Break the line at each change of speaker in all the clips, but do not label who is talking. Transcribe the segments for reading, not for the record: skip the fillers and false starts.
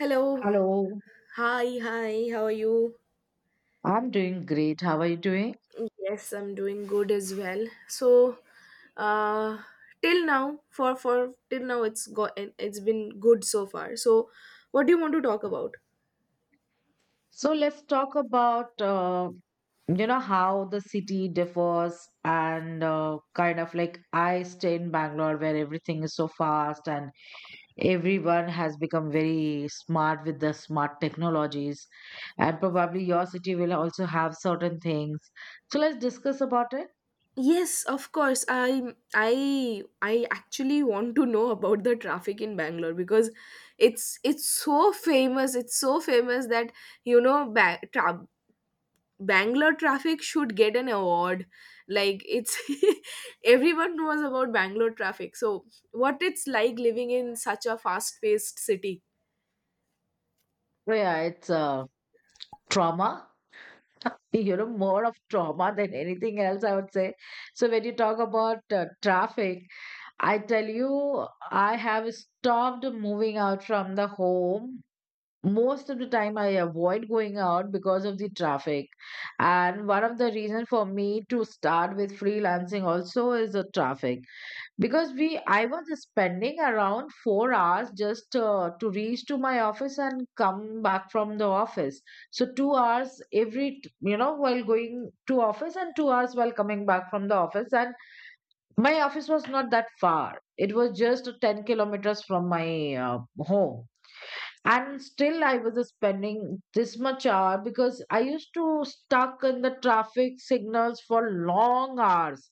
Hello.
Hello,
Hi, hi. How are you?
I'm doing.
Yes, I'm doing good as well. So, uh, till now, for till now, it's been good so far. So, what do you want to talk about?
So let's talk about you know how the city differs and kind of like I stay in Bangalore where everything is so fast and everyone has become very smart with the smart technologies, and probably your city will also have certain things. So let's discuss about it.
Yes, of course. I actually want to know about the traffic in Bangalore because it's so famous. It's so famous that you know ba- tra- Bangalore traffic should get an award. Like it's everyone knows about Bangalore traffic. So what it's like living in such a fast-paced city.
So yeah, it's trauma. You know, more of trauma than anything else, I would say. So when you talk about traffic. I tell you, I have stopped moving out from the home. Most of the time, I avoid going out because of the traffic. And one of the reasons for me to start with freelancing also is the traffic. Because I was spending around 4 hours just to reach to my office and come back from the office. So 2 hours every, you know, while going to office and 2 hours while coming back from the office. And my office was not that far. It was just 10 kilometers from my home. And still, I was spending this much hour because I used to stuck in the traffic signals for long hours.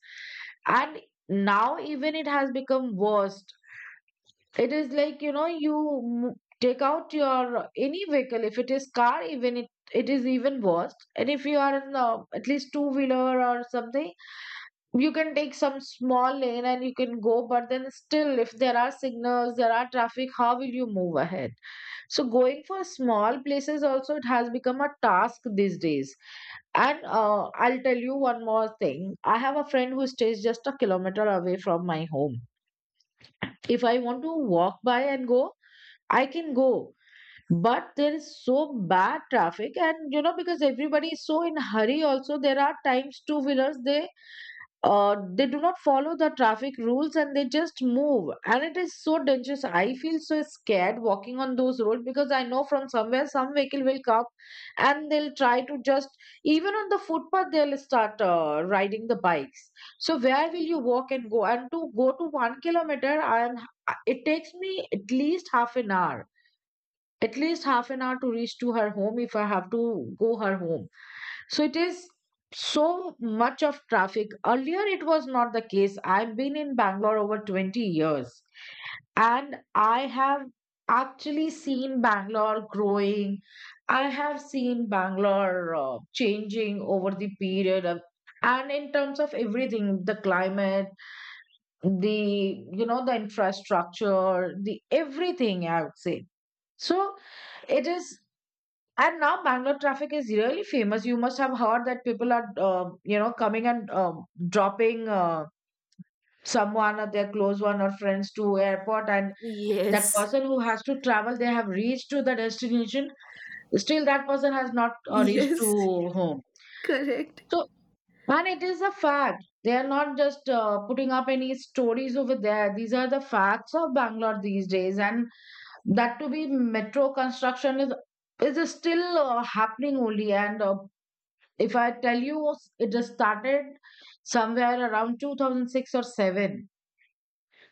And now, even it has become worse. It is like, you know, take out your any vehicle. If it is car, it is even worse. And if you are in at least two wheeler or something, you can take some small lane and you can go, but then still if there are signals, there are traffic, how will you move ahead? So going for small places also, it has become a task these days. And I'll tell you one more thing. I have a friend who stays just a kilometer away from my home. If I want to walk by and go, I can go, but there is so bad traffic. And you know, because everybody is so in hurry also, there are times two wheelers, they do not follow the traffic rules and they just move, and it is so dangerous. I feel so scared walking on those roads because I know from somewhere some vehicle will come and they'll try to just, even on the footpath, they'll start riding the bikes. So where will you walk and go? And to go to 1 kilometer, I am it takes me at least half an hour, at least half an hour to reach to her home if I have to go her home. So it is so much of traffic. Earlier, it was not the case. I've been in Bangalore over 20 years, and I have actually seen Bangalore growing. I have seen Bangalore changing over the period of, and in terms of everything, the climate, the, you know, the infrastructure, the everything, I would say. So it is, and now Bangalore traffic is really famous. You must have heard that people are, um, you know, coming and dropping someone or their close one or friends to airport, and that
Yes.
person who has to travel, they have reached to the destination. Still, that person has not reached to
Yes,
home.
correct.
So, and it is a fact. They are not just putting up any stories over there. These are the facts of Bangalore these days, and that to be metro construction is still happening only. And if I tell you, it just started somewhere around 2006 or 7.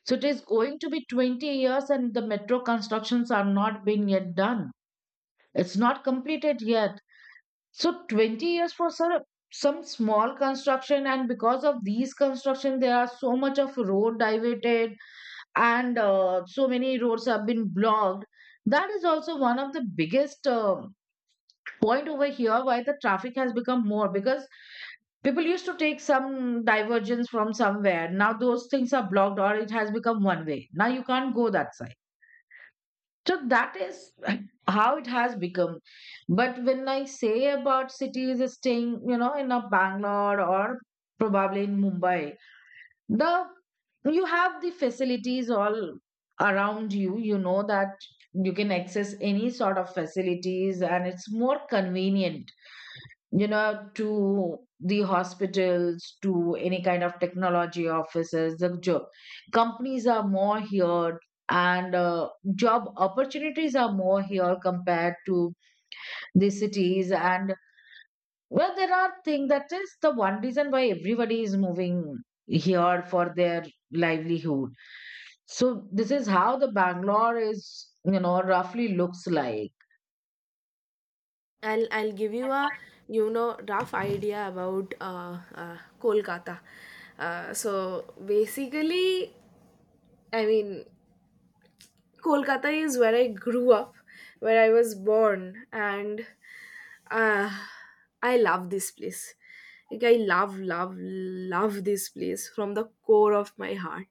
So it is going to be 20 years, and the metro constructions are not being yet done. It's not completed yet. So 20 years for some small construction, and because of these construction, there are so much of road diverted, and so many roads have been blocked. That is also one of the biggest point over here why the traffic has become more, because people used to take some divergence from somewhere. Now those things are blocked or it has become one way. Now you can't go that side. So that is how it has become. But when I say about cities staying, you know, in a Bangalore or probably in Mumbai, the, you have the facilities all around you. You know that you can access any sort of facilities and it's more convenient, you know, to the hospitals, to any kind of technology offices. The job companies are more here, and job opportunities are more here compared to the cities. And well, there are things that is the one reason why everybody is moving here for their livelihood. So this is how the Bangalore is, you know, roughly looks like.
I'll give you a rough idea about Kolkata. So basically, I mean, Kolkata is where I grew up, where I was born, and uh, I love this place. Like I love, love, love this place from the core of my heart.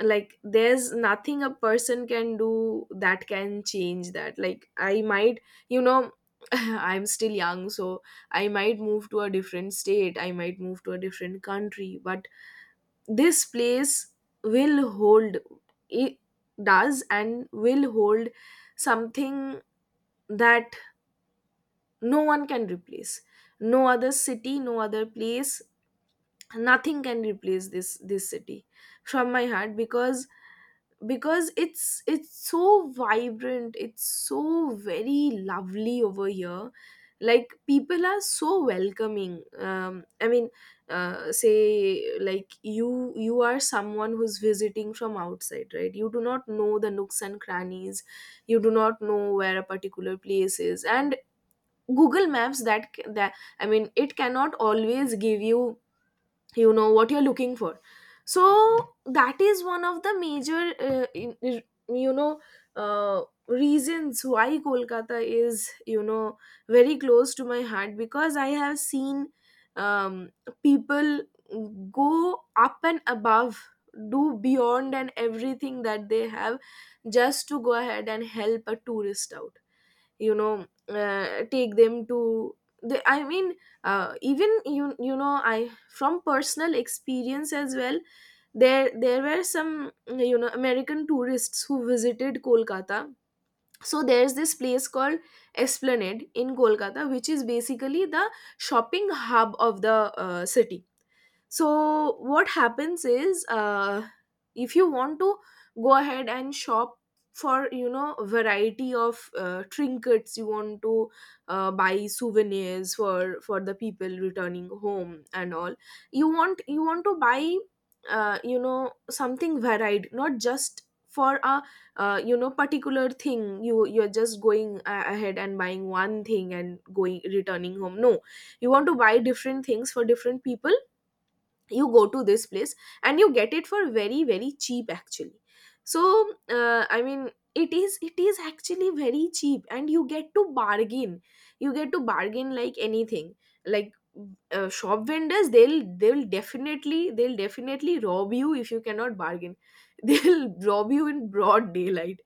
Like there's nothing a person can do that can change that. Like I might, you know I'm still young, so I might move to a different state, I might move to a different country, but this place will hold — it does, and will hold something that no one can replace. No other city, no other place, nothing can replace this city from my heart, because it's so vibrant, it's so very lovely over here. Like people are so welcoming. I mean, say, like you are someone who's visiting from outside, right? You do not know the nooks and crannies, you do not know where a particular place is, and Google Maps, that, I mean, it cannot always give you you know what you're looking for. So that is one of the major you know uh, reasons why Kolkata is very close to my heart, because I have seen, um, people go up and above, do beyond and everything that they have, just to go ahead and help a tourist out, take them to I mean, even I, from personal experience as well, there were some American tourists who visited Kolkata. So there's this place called Esplanade in Kolkata, which is basically the shopping hub of the city. So what happens is, if you want to go ahead and shop for variety of trinkets, you want to buy souvenirs for the people returning home and all. You want to buy something varied, not just for a particular thing. You're just going ahead and buying one thing and going returning home. No, you want to buy different things for different people. You go to this place and you get it for very very cheap, actually. So I mean, it is actually very cheap, and you get to bargain. You get to bargain like anything. Like, shop vendors, they'll definitely rob you if you cannot bargain. They'll rob you in broad daylight.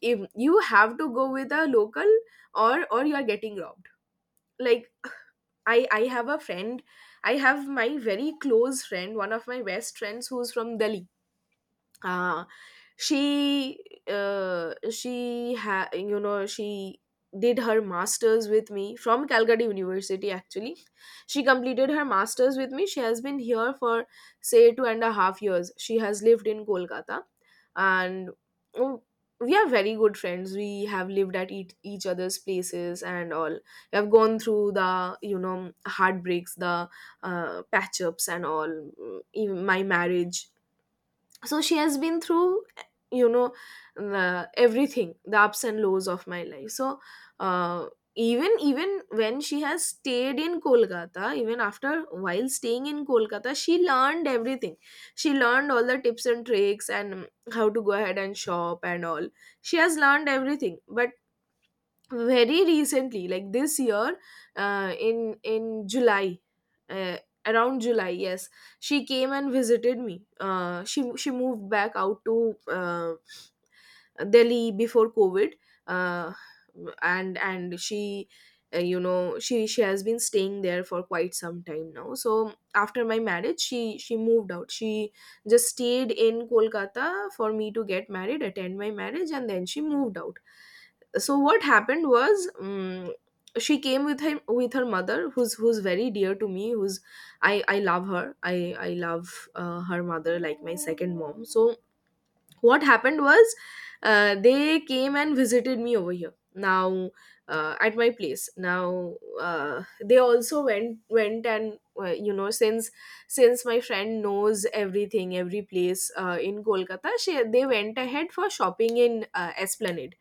If you have to go with a local, or you are getting robbed. Like, I have a friend. I have my very close friend, one of my best friends, who's from Delhi. Uh, she uh, she ha- you know she did her masters with me from Calcutta University, actually. She completed her masters with me. She has been here for, say, 2.5 years. She has lived in Kolkata, and, oh, we are very good friends. We have lived at each other's places and all. We have gone through the heartbreaks, the patch ups and all, even my marriage. So she has been through, you know everything, the ups and lows of my life. So uh, even when she has stayed in Kolkata, even after, while staying in Kolkata, she learned everything. She learned all the tips and tricks and how to go ahead and shop and all. She has learned everything, but very recently, like this year, in July, uh, around July, yes, she came and visited me. She moved back out to Delhi before COVID. Uh, and and she you know she has been staying there for quite some time now. So after my marriage, she moved out. She just stayed in Kolkata for me to get married, attend my marriage, and then she moved out. So what happened was, she came with him, with her mother, who's very dear to me, who's — I love her, I love, her mother like my second mom. So what happened was, they came and visited me over here now, at my place now. They also went and, since my friend knows everything, every place in Kolkata, they went ahead for shopping in Esplanade.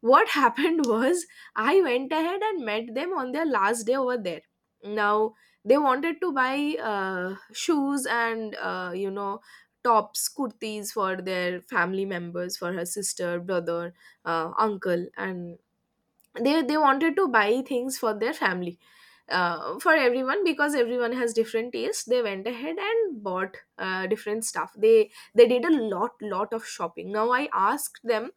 What happened was I went ahead and met them on their last day over there. Now they wanted to buy shoes and tops, kurtis for their family members, for her sister, brother, uncle, and they wanted to buy things for their family, for everyone, because everyone has different tastes. They went ahead and bought different stuff. They did a lot of shopping. Now I asked them,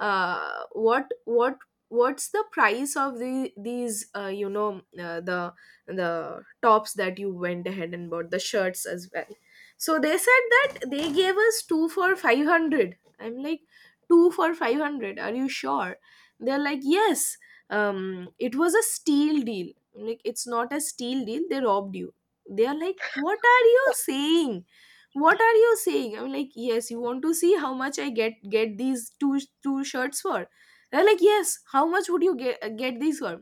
uh, what what what's the price of these the tops that you went ahead and bought, the shirts as well. So they said that they gave us two for 500. I'm like, two for 500? Are you sure? They're like, yes. It was a steal deal. I'm like, it's not a steal deal, they robbed you. They're like, what are you saying? What are you saying? I'm like, yes, you want to see how much I get these two shirts for? They're like, yes, how much would you get these for?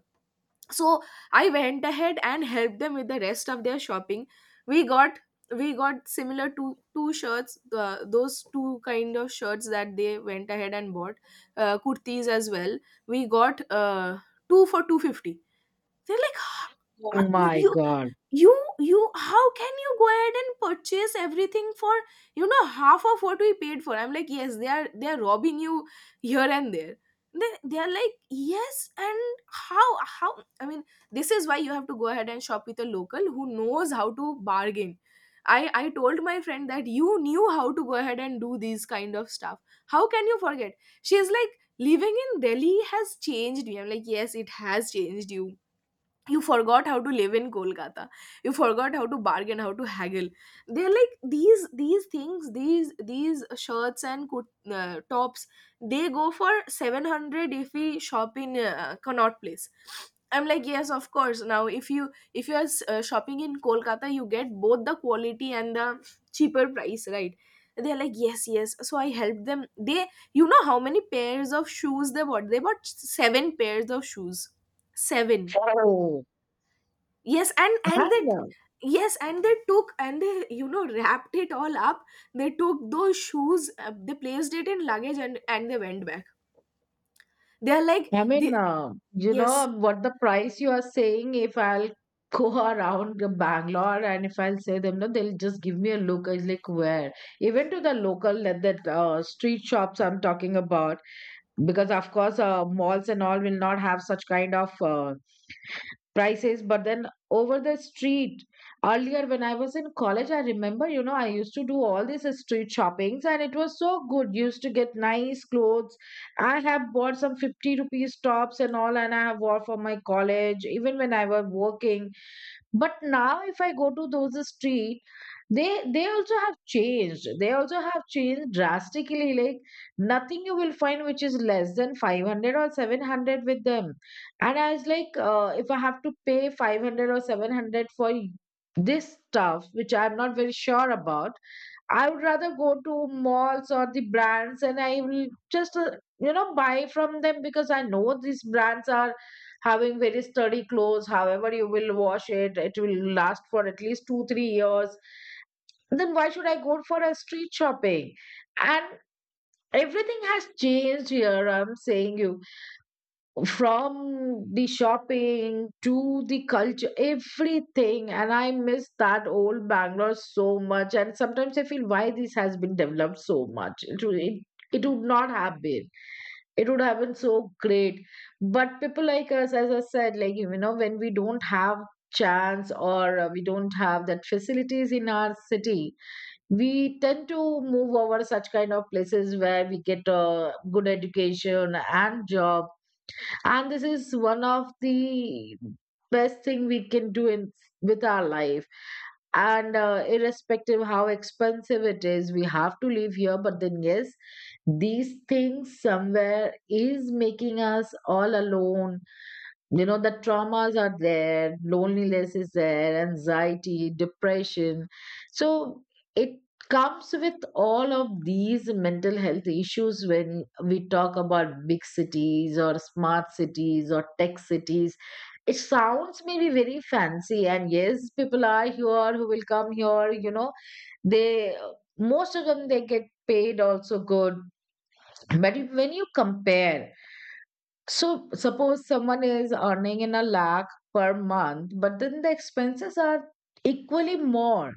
So I went ahead and helped them with the rest of their shopping. we got we got similar to two shirts, those two kind of shirts that they went ahead and bought, kurtis as well. We got, two for 250. They're like, "Huh?
Oh
Uh,
my
you
God.
you how can you go ahead and purchase everything for half of what we paid for?" I'm like, yes, they are robbing you here and there. They are like, yes. And how, I mean, this is why you have to go ahead and shop with a local who knows how to bargain. I told my friend that you knew how to go ahead and do these kind of stuff, how can you forget? She's like, living in Delhi has changed me. I'm like, yes, it has changed you. You forgot how to live in Kolkata. You forgot how to bargain, how to haggle. They're like, these things, these shirts and tops, they go for 700 if we shop in Connaught Place. I'm like, yes, of course, now if you are shopping in Kolkata, you get both the quality and the cheaper price, right? They're like, yes, yes, so I helped them. They, how many pairs of shoes they bought? They bought seven pairs of shoes. Seven.
Oh.
Yes, and they,
And
yes, and they took, and they, wrapped it all up. They took those shoes, they placed it in luggage, and they went back. They are like,
I mean,
they —
you know
yes,
what the price you are saying. If I'll go around the Bangalore and if I'll say them, no, they'll just give me a look. I was like, where? Even to the local that street shops I'm talking about, because of course, malls and all will not have such kind of. Prices, but then over the street, earlier when I was in college, I remember, you know, I used to do all these street shoppings and it was so good, used to get nice clothes. I have bought some 50 rupees tops and all, and I have wore for my college even when I was working. But now if I go to those street, they also have changed, they also have changed drastically. Like nothing you will find which is less than 500 or 700 with them. And I was like if I have to pay 500 or 700 for this stuff which I'm not very sure about, I would rather go to malls or the brands and I will just, you know, buy from them because I know these brands are having very sturdy clothes. However, you will wash it, it will last for at least two, 3 years. Then why should I go for a street shopping? And everything has changed here. I'm saying you from the shopping to the culture, everything. And I miss that old Bangalore so much, and sometimes I feel why this has been developed so much. It would not have been, it would have been so great. But people like us, as I said, like, you know, when we don't have chance or we don't have that facilities in our city, we tend to move over such kind of places where we get a good education and job. And this is one of the best thing we can do in with our life. And irrespective how expensive it is, we have to live here, but then yes, these things somewhere is making us all alone. You know, the traumas are there, loneliness is there, anxiety, depression. So it comes with all of these mental health issues. When we talk about big cities or smart cities or tech cities, it sounds maybe very fancy, and yes, people are here who will come here, you know, they, most of them they get paid also good. But when you compare, so suppose someone is earning in a lakh per month, but then the expenses are equally more.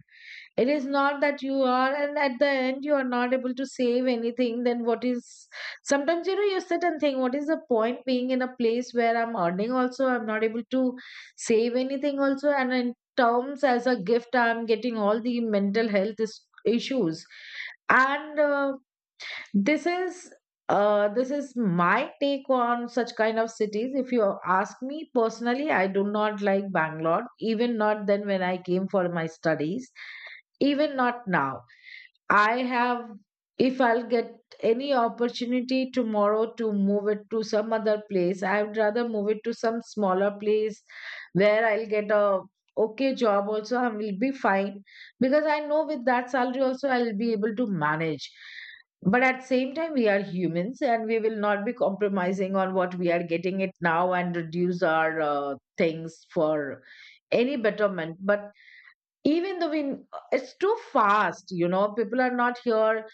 It is not that you are, and at the end you are not able to save anything. Then what is? Sometimes you know you sit and think, what is the point being in a place where I'm earning also, I'm not able to save anything also, and in terms as a gift, I'm getting all the mental health issues. And this is uh, this is my take on such kind of cities. If you ask me personally, I do not like Bangalore, even not then when I came for my studies, even not now. I have, if I'll get any opportunity tomorrow to move it to some other place, I would rather move it to some smaller place where I'll get a okay job also, I will be fine, because I know with that salary also I'll be able to manage. But at same time, we are humans and we will not be compromising on what we are getting it now and reduce our things for any betterment. But even though wind, it's too fast. People are not here.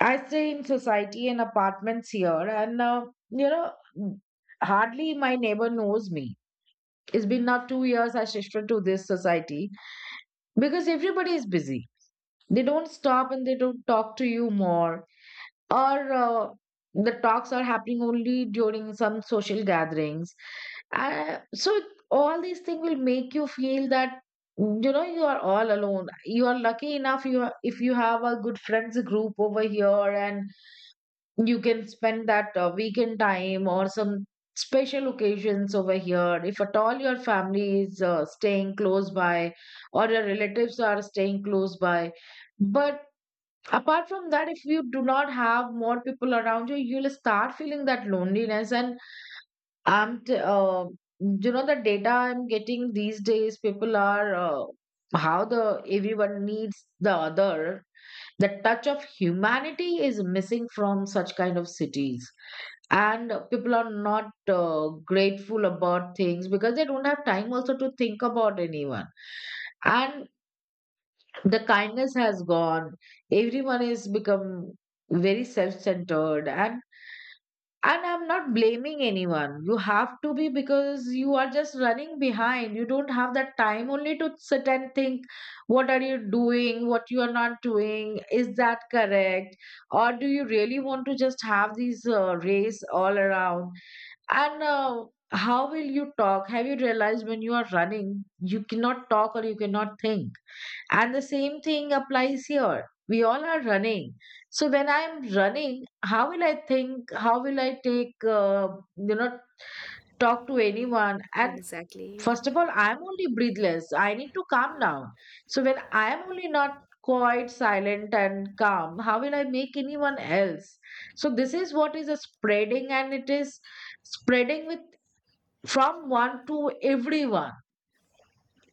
I stay in society and apartments here, and you know hardly my neighbor knows me. It's been now 2 years I shifted to this society because everybody is busy. They don't stop and they don't talk to you more, or the talks are happening only during some social gatherings. So all these things will make you feel that you are all alone. You are lucky enough, you are, if you have a good friends group over here, and you can spend that weekend time or some special occasions over here if at all your family is staying close by, or your relatives are staying close by. But apart from that, if you do not have more people around you, you'll start feeling that loneliness. And i'm t- uh, the data I'm getting these days, people are how the everyone needs the other. The touch of humanity is missing from such kind of cities, and people are not grateful about things because they don't have time also to think about anyone. And the kindness has gone. Everyone is become very self-centered. And I'm not blaming anyone, you have to be, because you are just running behind. You don't have that time only to sit and think what are you doing, what you are not doing, is that correct, or do you really want to just have these race all around? And how will you talk? Have you realized when you are running you cannot talk or you cannot think? And the same thing applies here. We all are running. So when I'm running, how will I think? How will I take, you know, talk to anyone? And
exactly.
first of all, I'm only breathless. I need to calm down. So when I'm only not quite silent and calm, how will I make anyone else? So this is what is a spreading, and it is spreading with from one to everyone.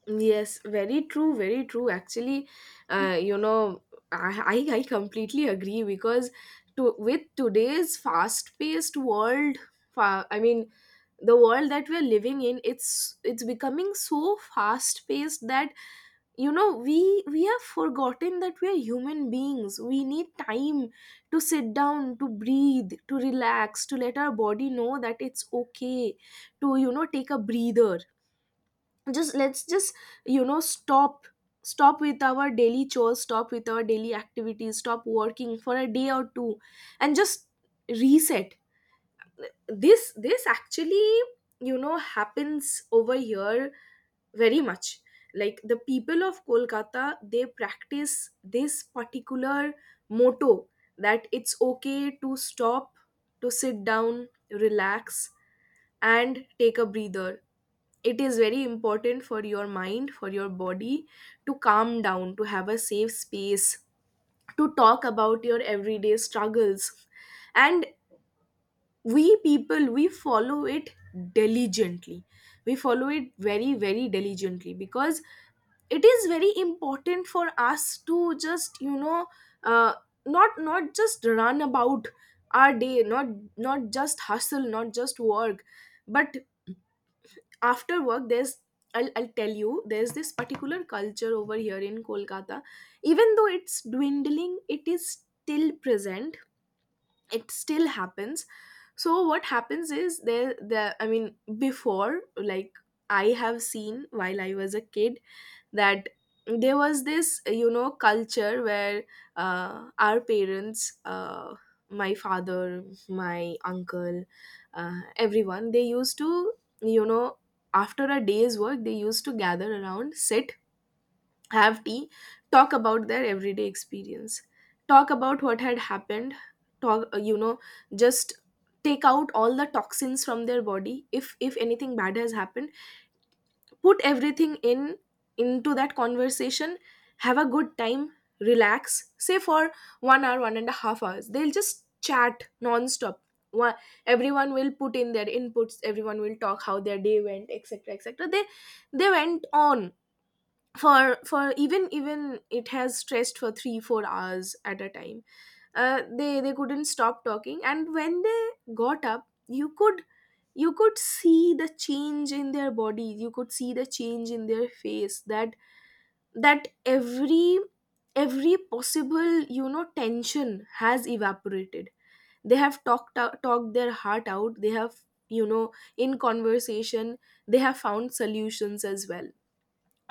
Yes, very true, very true. Actually, uh, you know, I completely agree because to with today's fast-paced world, I mean, the world that we're living in, it's becoming so fast-paced that we have forgotten that we are human beings, we need time to sit down, to breathe, to relax, to let our body know that it's okay to take a breather. Just Let's just you know stop stop with our daily chores, stop with our daily activities, stop working for a day or two, and just reset. This actually happens over here, very much like the people of Kolkata. They practice this particular motto that it's okay to stop, to sit down, relax, and take a breather. It is very important for your mind, for your body, to calm down, to have a safe space to talk about your everyday struggles. And we people, we follow it diligently. We follow it very, very diligently, because it is very important for us to just uh, not just run about our day, not just hustle, not just work. But after work, there's— I'll tell you, there's this particular culture over here in Kolkata. Even though it's dwindling, it is still present. It still happens. So what happens is, there the I mean, before, like, I have seen while I was a kid that there was this, culture where our parents, my father, my uncle, everyone, they used to, you know after a day's work, they used to gather around, sit, have tea, talk about their everyday experience, talk about what had happened, talk, just take out all the toxins from their body if anything bad has happened, put everything in into that conversation, have a good time, relax. Say for one hour, one and a half hours, they'll just chat non-stop. Wha- everyone will put in their inputs, everyone will talk how their day went, etc, etc. They went on for even it has stressed for 3, 4 hours at a time. They couldn't stop talking, and when they got up, you could see the change in their bodies, you could see the change in their face, that that every every possible tension has evaporated. They have talked out, talked their heart out. They have, you know in conversation, they have found solutions as well.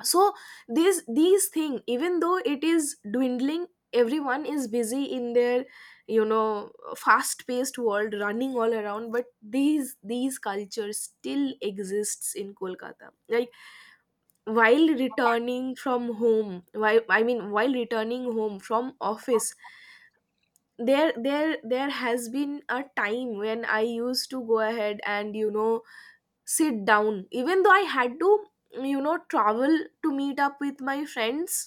So this these thing, even though it is dwindling, everyone is busy in their, you know fast paced world, running all around. But these cultures still exists in Kolkata. Like, while returning from home, why I mean, while returning home from office, there has been a time when I used to go ahead and, sit down, even though I had to, travel to meet up with my friends.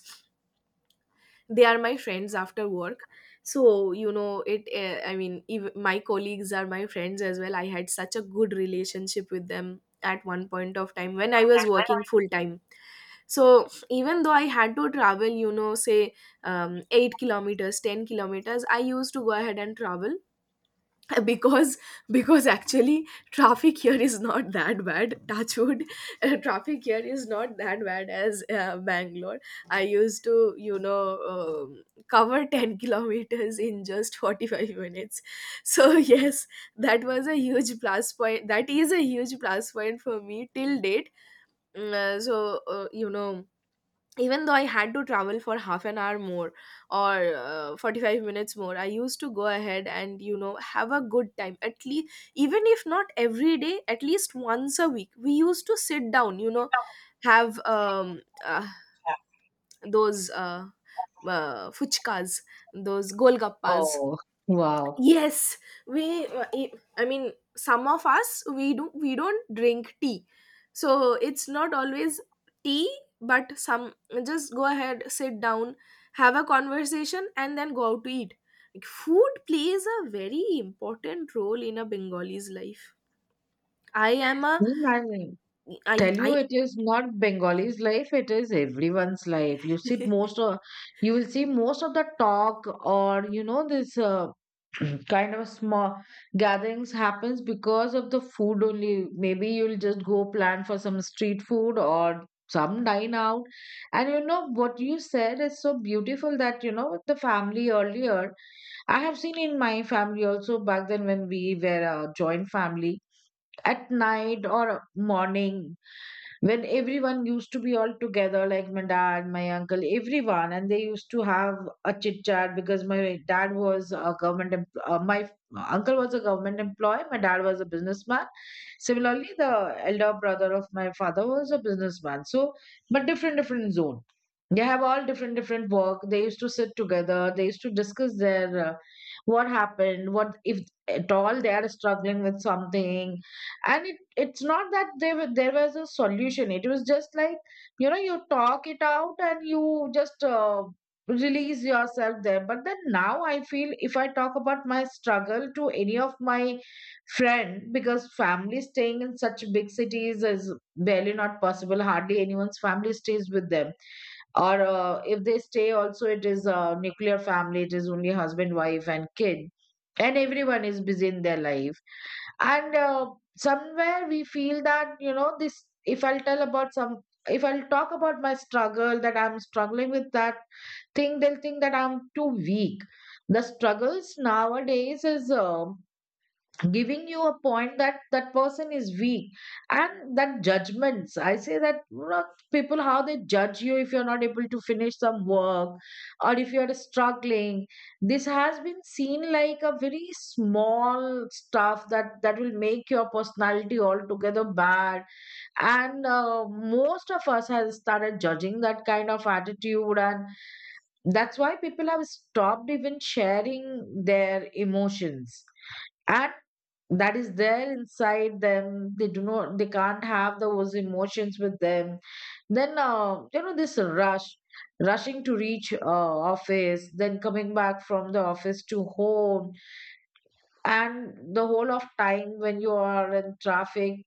They are my friends after work. So, you know it I mean, ev my colleagues are my friends as well. I had such a good relationship with them at one point of time when I was working full time. So even though I had to travel, say, 8 kilometers, 10 kilometers, I used to go ahead and travel, because— because actually, traffic here is not that bad, touchwood. Traffic here is not that bad as Bangalore. I used to, cover 10 kilometers in just 45 minutes. So, yes, that was a huge plus point. That is a huge plus point for me till date. So, even though I had to travel for half an hour more, or 45 minutes more, I used to go ahead and, have a good time. At least, even if not every day, at least once a week we used to sit down, have those, fuchkas, those golgappas.
Oh, wow.
Yes, we. I mean, some of us, we do, we don't drink tea, so it's not always tea. But some just go ahead, sit down, have a conversation, and then go out to eat. Like, food plays a very important role in a Bengali's life. I am a.
Imagine.
I
Tell you,
I
it is not Bengali's life, it is everyone's life. You see most of you will see most of the talk, or you know this kind of small gatherings happens because of the food only. Maybe you'll just go plan for some street food or some dine out. And you know what you said is so beautiful, that you know with the family earlier, I have seen in my family also. Back then when we were a joint family, at night or morning when everyone used to be all together, like my dad, my uncle, everyone, and they used to have a chit chat. Because my dad was a government, my uncle was a government employee, my dad was a businessman. Similarly, the elder brother of my father was a businessman. So, but different, different zone. They have all different, different work. They used to sit together. They used to discuss their what happened, what if at all they are struggling with something. And it, it's not that there was a solution. It was just like, you know, you talk it out and you just release yourself there. But then now I feel if I talk about my struggle to any of my friend, because family staying in such big cities is barely not possible. Hardly anyone's family stays with them, or if they stay also, it is a nuclear family. It is only husband, wife and kid, and everyone is busy in their life. And somewhere we feel that, you know, this if I'll tell about some, if I'll talk about my struggle that I'm struggling with that thing, they'll think that I'm too weak. The struggles nowadays is giving you a point that that person is weak. And that judgments, I say that, you know, people how they judge you if you're not able to finish some work, or if you're struggling, this has been seen like a very small stuff that that will make your personality altogether bad. And most of us has started judging that kind of attitude, and that's why people have stopped even sharing their emotions. And that is there inside them, they do not, they can't have those emotions with them. Then you know this rush, rushing to reach office, then coming back from the office to home, and the whole of time when you are in traffic,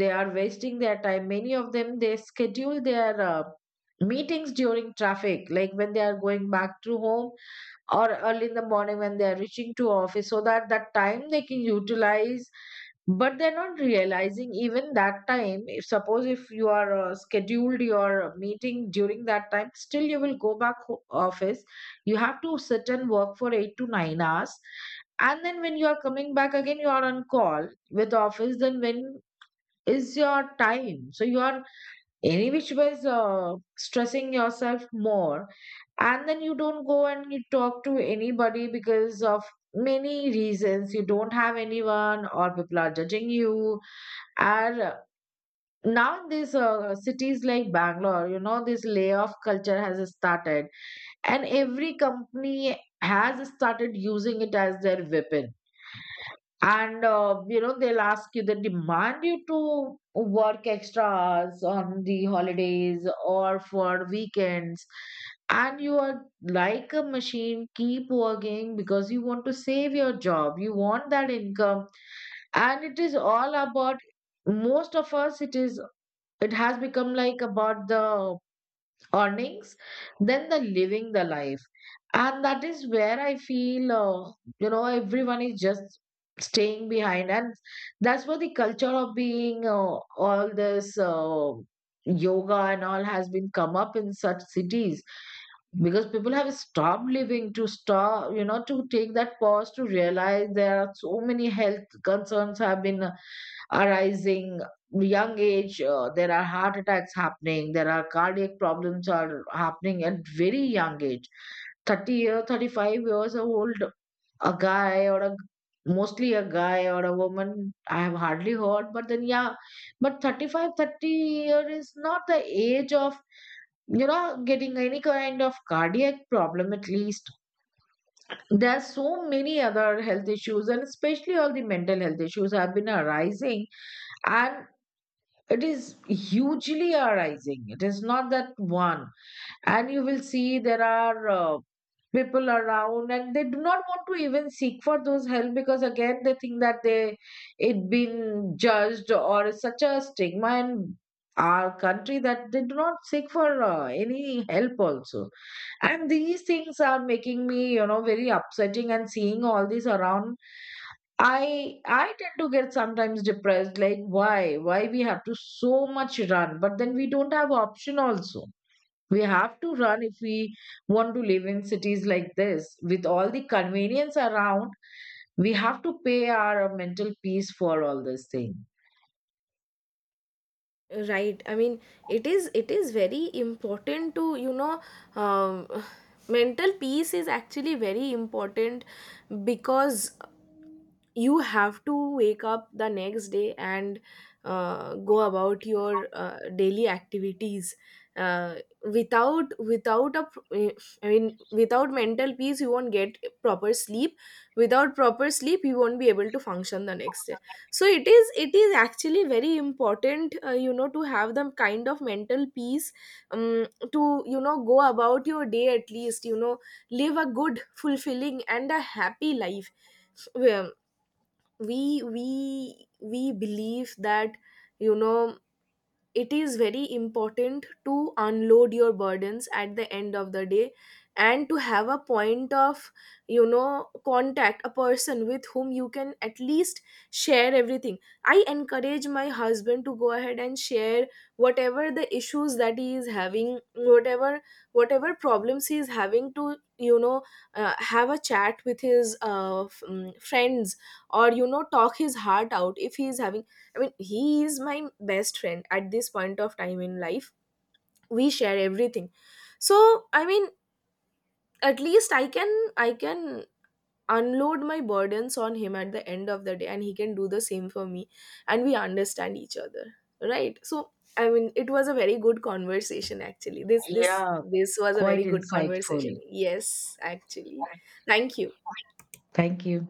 they are wasting their time. Many of them, they schedule their meetings during traffic, like when they are going back to home, or early in the morning when they are reaching to office, so that that time they can utilize. But they're not realizing even that time, if suppose if you are scheduled your meeting during that time, still you will go back office. You have to sit and work for 8 to 9 hours, and then when you are coming back again, you are on call with office. Then when is your time? So you are any which was stressing yourself more. And then you don't go and you talk to anybody because of many reasons. You don't have anyone, or people are judging you. And now in these cities like Bangalore, you know this layoff culture has started, and every company has started using it as their weapon. And you know they'll ask you, they demand you to work extra hours on the holidays or for weekends. And you are like a machine, keep working because you want to save your job, you want that income. And it is all about, most of us, it is, it has become like about the earnings than the living the life. And that is where I feel you know everyone is just staying behind. And that's where the culture of being all this yoga and all has been come up in such cities, because people have stopped living, to stop, you know, to take that pause, to realize there are so many health concerns have been arising. Young age, there are heart attacks happening, there are cardiac problems are happening at very young age. 30 year, 35 years old, a guy or a, mostly a guy or a woman, I have hardly heard, but then yeah. But 35, 30 year is not the age of, you know, getting any kind of cardiac problem, at least. There are so many other health issues, and especially all the mental health issues have been arising. And it is hugely arising, it is not that one. And you will see there are people around, and they do not want to even seek for those help, because again they think that they, it been judged, or is such a stigma in our country that they do not seek for any help also. And these things are making me, you know, very upsetting. And seeing all this around, I tend to get sometimes depressed, like why? Why we have to so much run? But then we don't have option also. We have to run if we want to live in cities like this. With all the convenience around, we have to pay our mental peace for all this thing.
Right. I mean, it is very important to, Um, Mental peace is actually very important, because you have to wake up the next day and go about your daily activities uh, without I mean, without mental peace, you won't get proper sleep. Without proper sleep, you won't be able to function the next day. So it is actually very important, to have the kind of mental peace, um, to, go about your day, at least live a good, fulfilling, and a happy life. Well, we believe that, you know it is very important to unload your burdens at the end of the day, and to have a point of, contact, a person with whom you can at least share everything. I encourage my husband to go ahead and share whatever the issues that he is having, whatever problems he is having, to, have a chat with his friends, or, talk his heart out if he is having— I mean, he is my best friend at this point of time in life. We share everything. So, I mean, at least I can unload my burdens on him at the end of the day, and he can do the same for me, and we understand each other. Right? So, I mean, it was a very good conversation, actually. This this
Yeah,
this was a
quite
very good
insightful.
conversation. Yes, actually. Thank you.
Thank you.